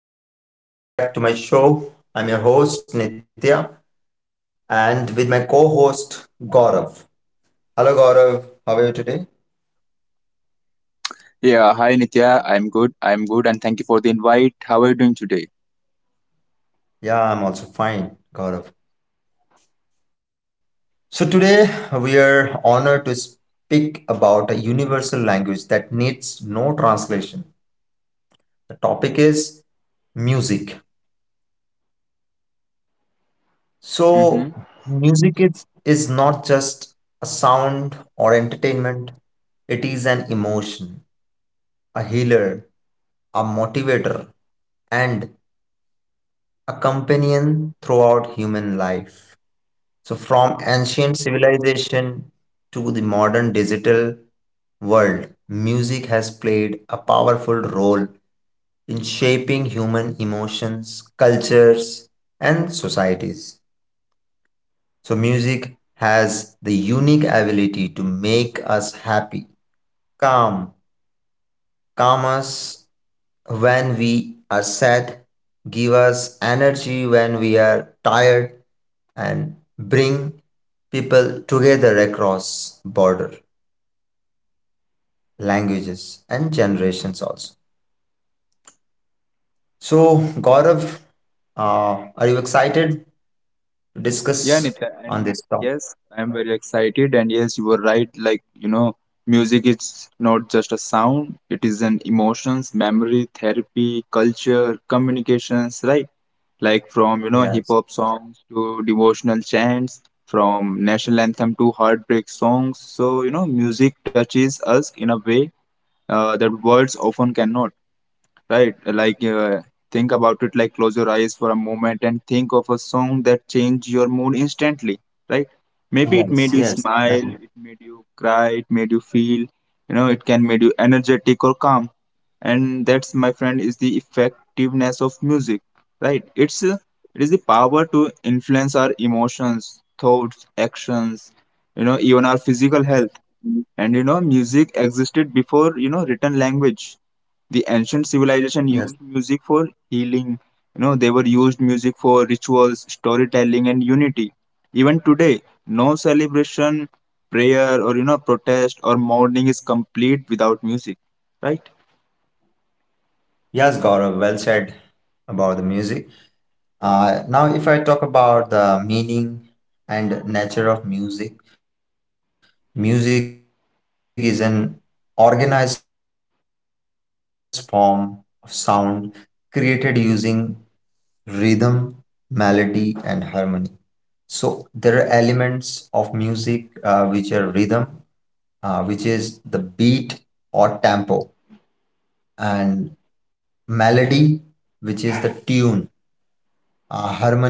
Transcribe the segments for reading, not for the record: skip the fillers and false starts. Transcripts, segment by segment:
Hi everyone, welcome back to my show. I'm your host Nitya and with my co host Gaurav. Hello Gaurav, how are you today? Yeah, hi Nitya. I'm good, and thank you for the invite. How are you doing today? Yeah, I'm also fine, Gaurav. So, today we are honored to speak about a universal language that needs no translation. The topic is music. Mm-hmm. So, music is not just a sound or entertainment, it is an emotion, a healer, a motivator, and a companion throughout human life. So, from ancient civilization to the modern digital world, music has played a powerful role in shaping human emotions, cultures, and societies. So, music has the unique ability to make us happy, calm, calm us, when we are sad, give us energy when we are tired, and bring people together across border languages and generations also. So, Gaurav, are you excited to Yeah, discuss Nitya, on and this topic? yes, I'm very excited. And yes, you were right. Like music is not just a sound; it is an emotions, memory, therapy, culture, communications. Right? Like from hip Yes, hop songs to devotional chants, from national anthem to heartbreak songs. So music touches us in a way that words often cannot. Right, like think about it, like close your eyes for a moment and think of a song that changed your mood instantly. Right, maybe it made yes, you yes, smile, it definitely. made you cry, it made you feel, it can made you energetic or calm. And that's, my friend, is the effectiveness of music. Right, it's it is the power to influence our emotions, thoughts, actions, even our physical health. And music existed before, written language. The ancient Yes, civilization used music for healing. You know, they were used music for rituals, storytelling, and unity. Even today, no celebration, prayer, or protest or mourning is complete without music, right? yes, Gaurav. Well said about the music. Now, if I talk about the meaning and nature of music, music is an organized form of sound created using rhythm, melody, and harmony. So, there are elements of music which are rhythm, which is the beat or tempo, and melody, which is the tune, harmony, which is the combination of sounds.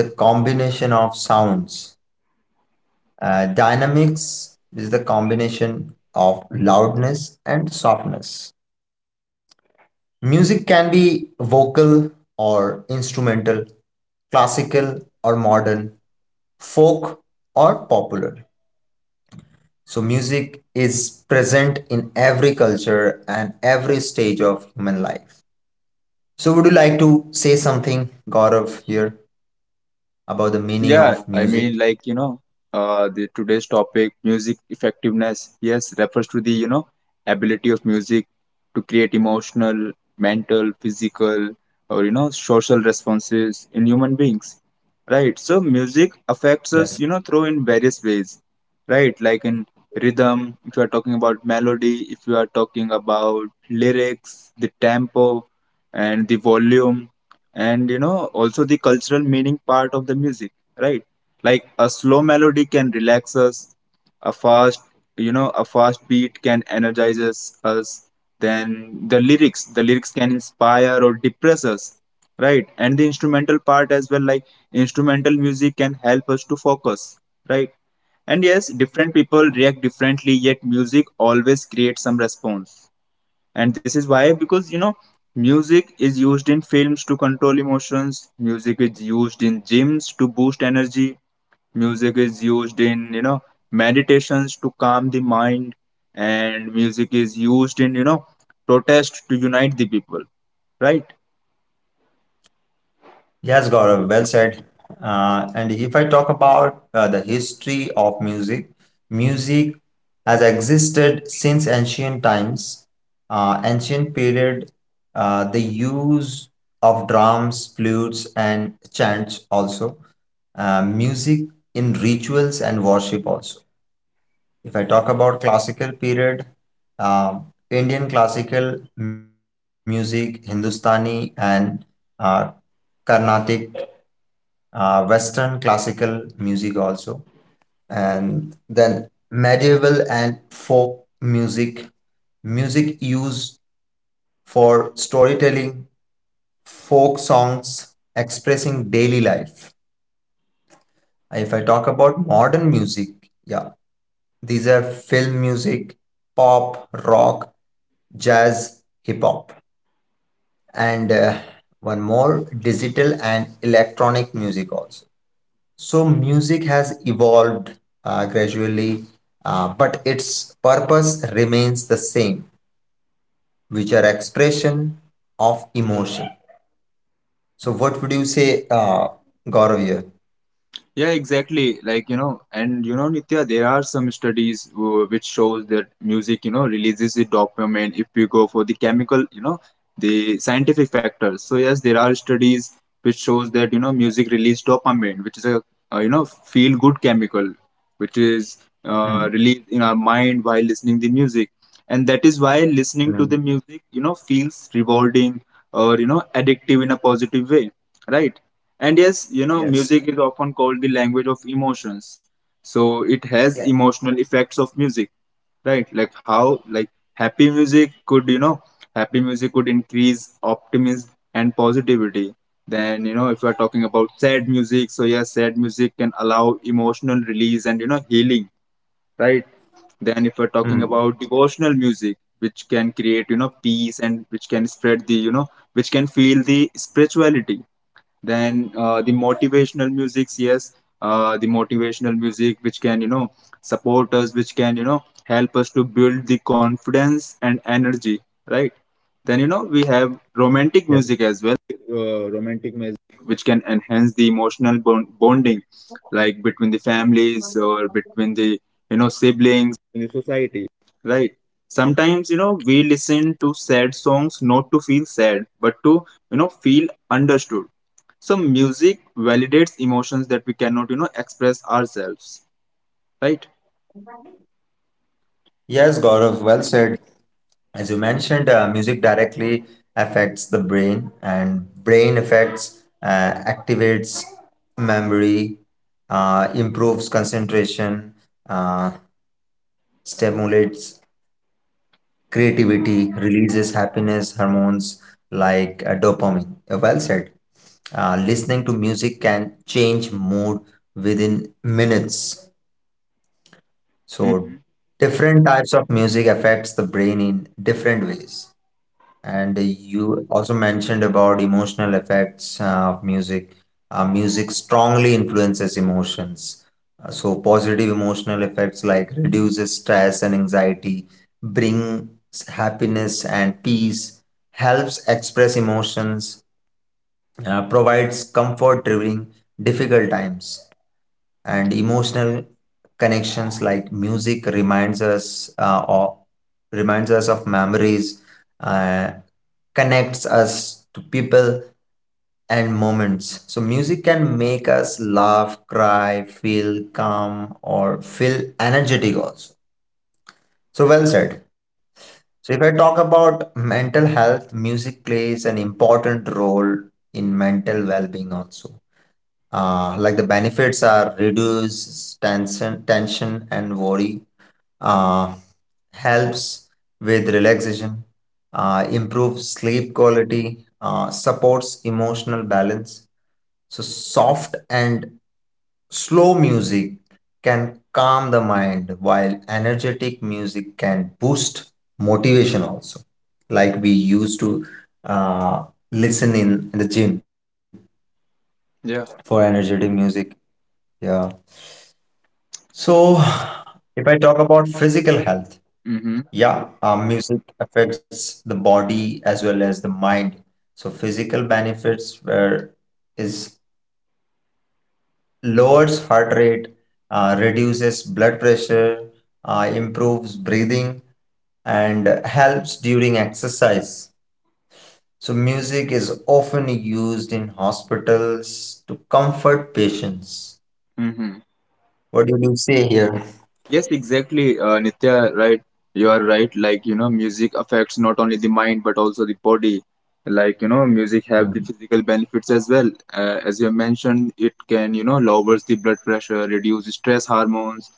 Dynamics is the combination of loudness and softness. Music can be vocal or instrumental, classical or modern, folk or popular. So, music is present in every culture and every stage of human life. So, would you like to say something, Gaurav, here about the meaning of music? Yeah, I mean, like, you know, the today's topic, music effectiveness, yes, refers to the, ability of music to create emotional, mental, physical, or, social responses in human beings, right? So, music Yes. affects us, through in various ways, right? Like in rhythm, if you are talking about melody, if you are talking about lyrics, the tempo, and the volume, and also the cultural meaning part of the music. Right, like a slow melody can relax us, a fast, a fast beat can energize us. Then the lyrics, the lyrics can inspire or depress us, right? And the instrumental part as well, like instrumental music can help us to focus, right? And yes, different people react differently, yet music always creates some response. And this is why, because music is used in films to control emotions, music is used in gyms to boost energy, music is used in meditations to calm the mind, and music is used in protest to unite the people, right? Yes, Gaurav, well said. And if I talk about the history of music, music has existed since ancient times. Ancient period, the use of drums, flutes, and chants also. Music in rituals and worship also. If I talk about classical period, uh, Indian classical music, Hindustani and uh, Carnatic, Western classical music also, and then medieval and folk music, music used for storytelling, folk songs expressing daily life. If I talk about modern music, yeah, these are film music, pop, rock, jazz, hip hop, and one more, digital and electronic music also. So music has evolved gradually, but its purpose remains the same, which are expression of emotion. So what would you say, Gaurav here? Yeah, exactly. Like, you know, and you know, Nitya, there are some studies which shows that music, releases the dopamine, if we go for the chemical, the scientific factors. So yes, there are studies which shows that, music release dopamine, which is a, feel good chemical, which is Mm, released in our mind while listening the music. And that is why listening to the mm, music, feels rewarding or, addictive in a positive way, right? And yes, you know, music yes. is often called the language of emotions. So it has Yeah. emotional effects of music, right? Like how, like happy music could, happy music could increase optimism and positivity. Then, you know, if we're talking about sad music, so yes, sad music can allow emotional release and, healing, right? Then, if we're talking about Mm, devotional music, which can create, peace, and which can spread the, which can feel the spirituality. Then the motivational musics, yes, the motivational music, which can support us, which can help us to build the confidence and energy, right? Then you know we have romantic music yes. as well. Romantic music which can enhance the emotional bonding, like between the families or between the siblings in the society. Right. Sometimes you know we listen to sad songs not to feel sad, but to feel understood. So music validates emotions that we cannot express ourselves. Right. Yes, Gaurav, well said. As you mentioned, music directly affects the brain, and brain affects activates memory, improves concentration, uh, stimulates creativity, releases happiness hormones like dopamine. Well said. Listening to music can change mood within minutes. So Hmm. different types of music affects the brain in different ways. And you also mentioned about emotional effects of music. Music strongly influences emotions. So positive emotional effects like reduces stress and anxiety, brings happiness and peace, helps express emotions, provides comfort during difficult times, and emotional connections like music reminds us of memories, uh, connects us to people and moments. So music can make us laugh, cry, feel calm or feel energetic also. So well said. So if I talk about mental health, music plays an important role in mental well-being also, like the benefits are reduce tension and worry, uh, helps with relaxation, improves sleep quality, supports emotional balance. So soft and slow music can calm the mind, while energetic music can boost motivation also, like we used to uh, listen in the gym for Yeah. energetic music. Yeah. So, if I talk about physical health, Hmm. yeah, music affects the body as well as the mind. So, physical benefits where is lowers heart rate, reduces blood pressure, improves breathing, and helps during exercise. So, music is often used in hospitals to comfort patients. Hmm. What do you say here? Yes, exactly, Nitya, right? You are right. Like, you know, music affects not only the mind but also the body. Like, you know, music have the Mhm. physical benefits as well. As you mentioned, it can, lowers the blood pressure, reduce stress hormones,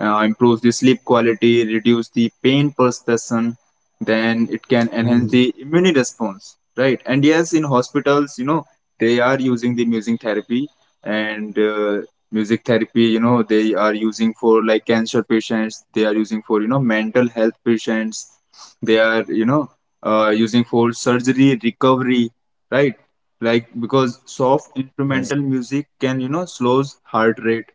improves the sleep quality, reduce the pain perception. Then it can enhance the Mhm. immune response, right? And yes, in hospitals, you know, they are using the music therapy, and music therapy, you know, they are using for like cancer patients, they are using for mental health patients, they are, using for surgery recovery, right? Like because Yes, soft instrumental music can slows heart rate,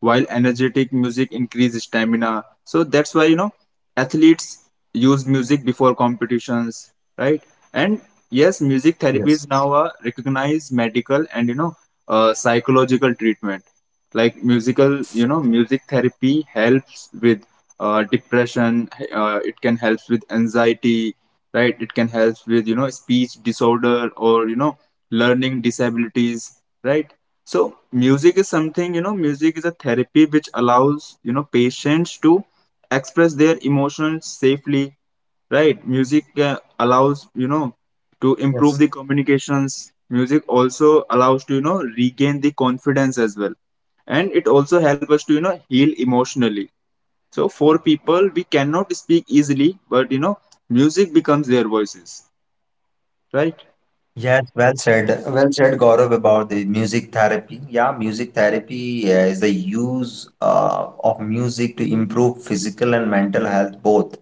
while energetic music increase stamina. So that's why athletes use music before competitions, right? And yes, music yes, therapies now are recognized medical and psychological treatment. Like music therapy helps with depression. It can help with anxiety, right? It can help with speech disorder or learning disabilities, right? So music is something, you know, music is a therapy which allows, patients to express their emotions safely, right? Music allows, to improve the yes. communications. Music also allows to, regain the confidence as well. And it also helps us to, heal emotionally. So for people, we cannot speak easily, but, music becomes their voices, right? Yes, well said. Well said, Gaurav, about the music therapy. Yeah, music therapy is the use of music to improve physical and mental health both.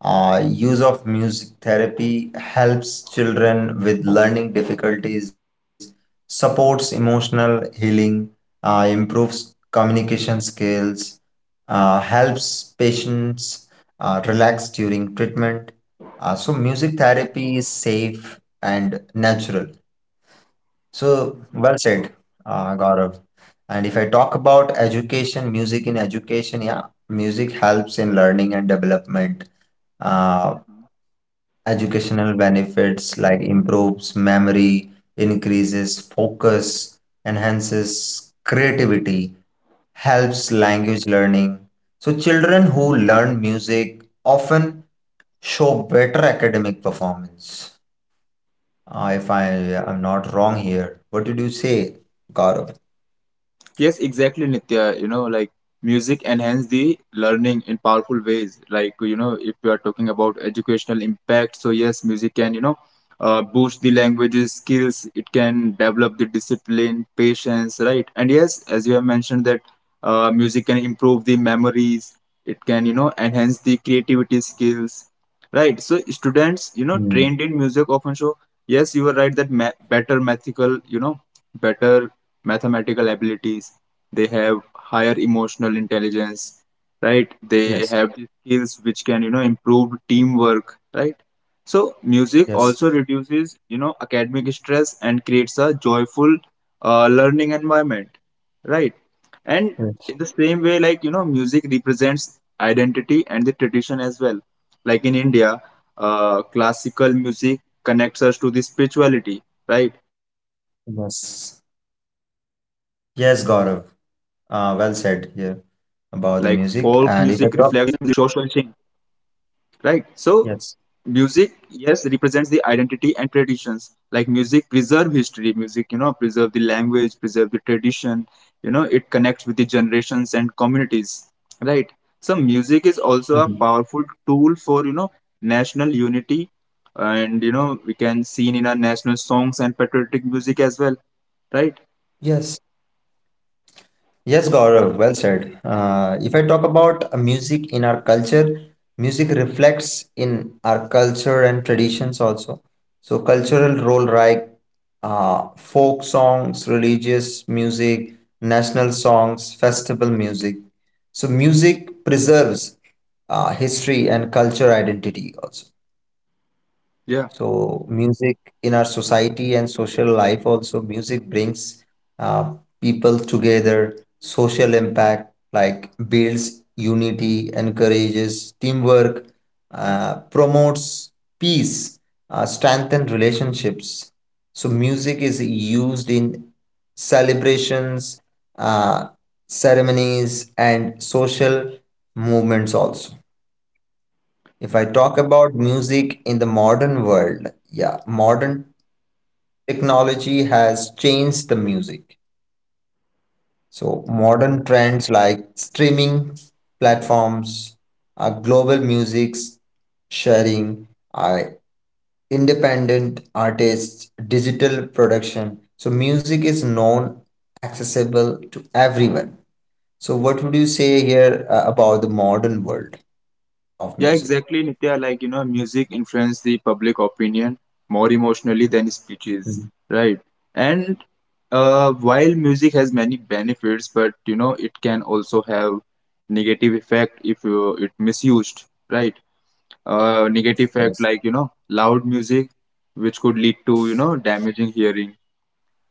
Use of music therapy helps children with learning difficulties, supports emotional healing, improves communication skills, helps patients relax during treatment. So music therapy is safe and natural. So well said, Gaurav. And if I talk about education, music in education, yeah, music helps in learning and development. Uh, educational benefits like improves memory, increases focus, enhances creativity, helps language learning. So children who learn music often show better academic performance. If I am not wrong here, what did you say, Gaurav? Yes, exactly, Nitya. You know, like music enhance the learning in powerful ways. Like, you know, if you are talking about educational impact, so yes, music can, boost the languages skills. It can develop the discipline, patience, right? And yes, as you have mentioned that music can improve the memories. It can, enhance the creativity skills, right? So students, you know, Hmm. trained in music often show, yes, you are right that ma better better mathematical abilities, they have higher emotional intelligence, right? They Yes. have skills which can improve teamwork, right? So music Yes. also reduces academic stress and creates a joyful learning environment, right? And in Yes. the same way, like you know music represents identity and the tradition as well, like in India, classical music connects us to the spirituality, right? Like folk Yes. music reflects the regional Yes, culture, Gaurav. then film Well music said here reflects the about the social music. change, And if I talk, right? So music, yes. yes, represents the identity and traditions, like music preserve history, music preserve the language, preserve the tradition, you know it connects with the generations and communities, right? So music is also a Mhm. powerful tool for national unity, and you know we can seen in our national songs and patriotic music as well, right? Yes. Yes, Gaurav, well said. If I talk about music in our culture, music reflects in our culture and traditions also. So, cultural role like folk songs, religious music, national songs, festival music. So, music preserves history and culture identity also. Yeah. So music in our society and social life also, music brings uh, people together, social impact, like builds unity, encourages teamwork, promotes peace, strengthen relationships. So music is used in celebrations, uh, ceremonies, and social movements also. If I talk about music in the modern world, yeah, modern technology has changed the music. So, modern trends like streaming platforms, global music sharing, uh, independent artists, digital production. So, music is known accessible to everyone. So, what would you say here about the modern world of Yeah, music? exactly, Nitya. Like, you know, music influences the public opinion more emotionally than Mm, speeches, right? And while music has many benefits, but you know, it can also have negative effect, if you, it misused, right? Negative effect yes. like, loud music, which could lead to, damaging hearing,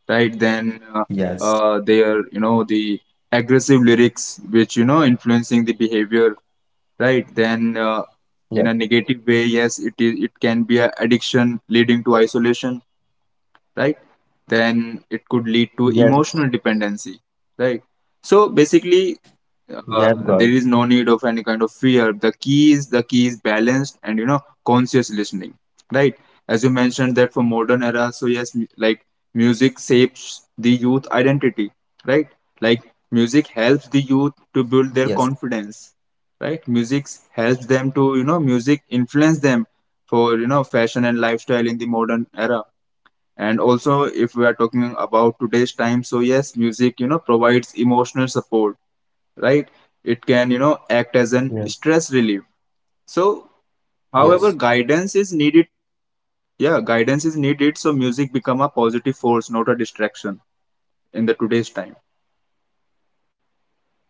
right? Then Yes. There, the aggressive lyrics, which, influencing the behavior, right? Then in Yes. a negative way, yes, it can be a addiction leading to isolation, right? Then it could lead to emotional Yes. dependency, right? So basically Yes, uh, Gaurav. there is no need of any kind of fear. The key is the key is balanced and conscious listening, right? As you mentioned that for modern era, so yes, like music shapes the youth identity, right? Like music helps the Yes, youth to build their confidence, right? Music helps them to, music influence them for fashion and lifestyle in the modern era. And also if we are talking about today's time, so yes, music provides emotional support, right? It can, act as an stress yes, relief. So, however, yes. guidance is needed. Yeah, guidance is needed. So, music become a positive force, not a distraction in the today's time,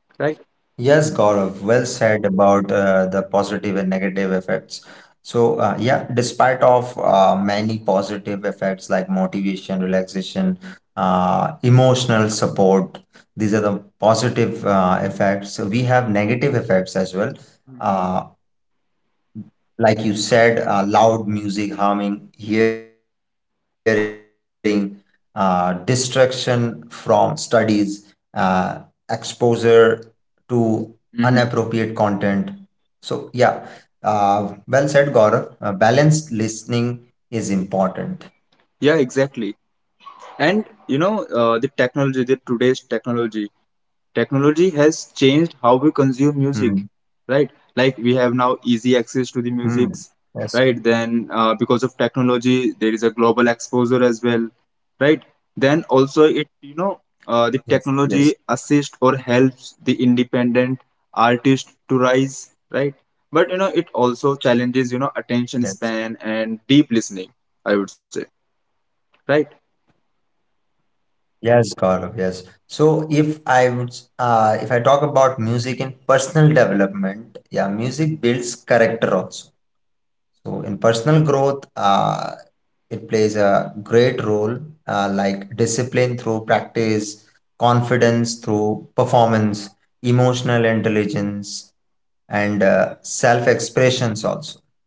right? Yes, Gaurav. Well said about the positive and negative effects. So, yeah, despite of many positive effects like motivation, relaxation, emotional support, these are the positive effects. So we have negative effects as well. Uh, like you said, loud music harming hearing, distraction from studies, exposure to inappropriate content. Hmm. So, yeah, well said, Gaurav. Balanced listening is important. Yeah, exactly. And you know, the technology, the today's technology technology has changed how we consume Hmm. music, right? Like we have now easy access to the Hmm. musics, Yes, right? Then because of technology there is a global exposure as well, right? Then also it, yes, the yes, technology assists or helps the independent artist to rise, right? But you know it also challenges attention yes. span and deep listening, I would say, right? Yes, Gaurav, yes. So if I would, if I talk about music in personal development, yeah, music builds character also. So in personal growth, it plays a great role, like discipline through practice, confidence through performance, emotional intelligence, and self expressions also.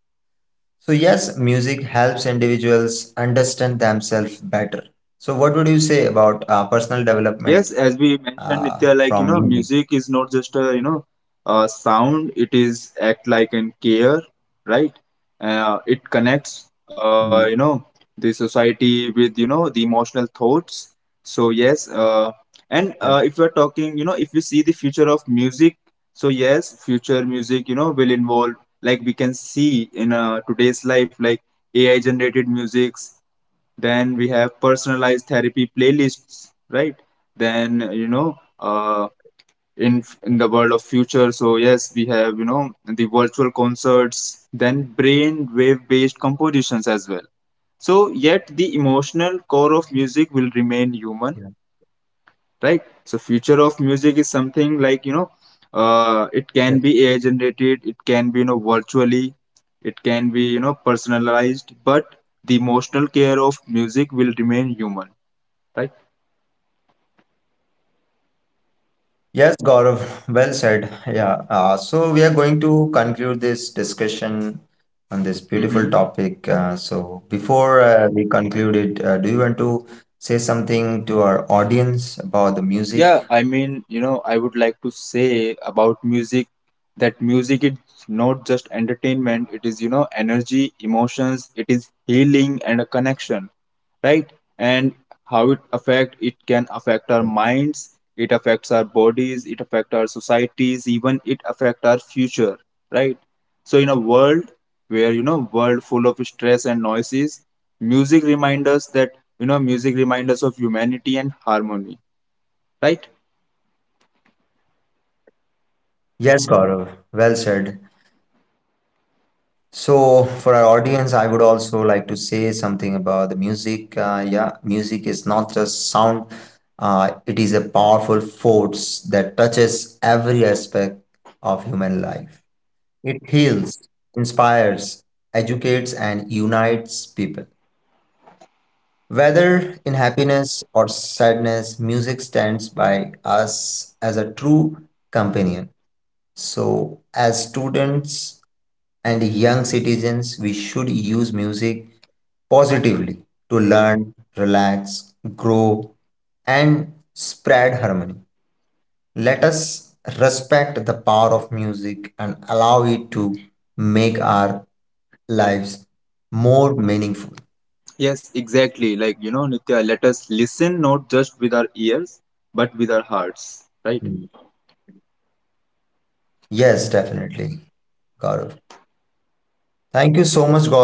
So, yes, music helps individuals understand themselves better. So, what would you say about personal Yes, development as we mentioned, Nitya, like you know, from music? music is not just a a sound; it is act like an care, right? It connects, Mm, the society with the emotional thoughts. So yes, and if yes, we're talking, if we see the future of music, so yes, future music, will involve, like we can see in today's life, like AI generated musics, then we have personalized therapy playlists, right? Then in the world of future, so yes, we have you know the virtual concerts, then brain wave based compositions as well. So yet the emotional core of yeah. music will remain human, right? So future of music is something like Yeah. It can be AI generated, it can be virtually, it can be personalized, but the emotional care of music will remain human, tak? Yes, Gaurav, well said. Yeah, so we are going to conclude this discussion on this beautiful Mhm. topic. So before we conclude it, do you want to say something to our audience about the Yeah, music? I mean, you know, I would like to say about music that music is not just entertainment, it is, energy, emotions, it is healing and a connection, right? And how it affect it can affect our minds, it affects our bodies, it affects our societies, even it affect our future, right? So in a world where, world full of stress and noises, music reminds us that, music reminds us of humanity and harmony, right? Yes, Gaurav, well said. So for our audience, I would also like to say something about the music. Yeah, music is not just sound. It is a powerful force that touches every aspect of human life. It heals, inspires, educates, and unites people. Whether in happiness or sadness, music stands by us as a true companion. So, as students and young citizens, we should use music positively to learn, relax, grow, and spread harmony. Let us respect the power of music and allow it to make our lives more meaningful. Yes, exactly. Like, you know, Nitya, let us listen not just with our ears, but with our hearts, right? Yes, definitely, Gaurav.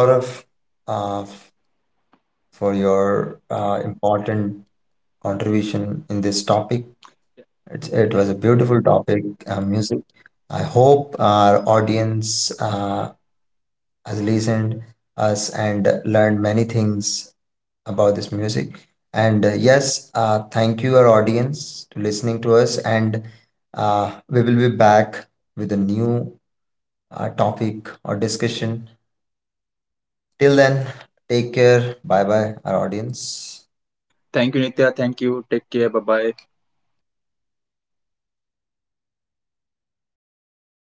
Thank you so much, Gaurav, uh, f- for your important contribution in this topic. It was a beautiful topic, music. I hope our audience has listened us and learned many things about this music. And yes, thank you, our audience, to listening to us. And we will be back with a new topic or discussion. Till then, take care. Bye bye, our audience. Thank you, Nitya. Thank you. Take care. Bye bye.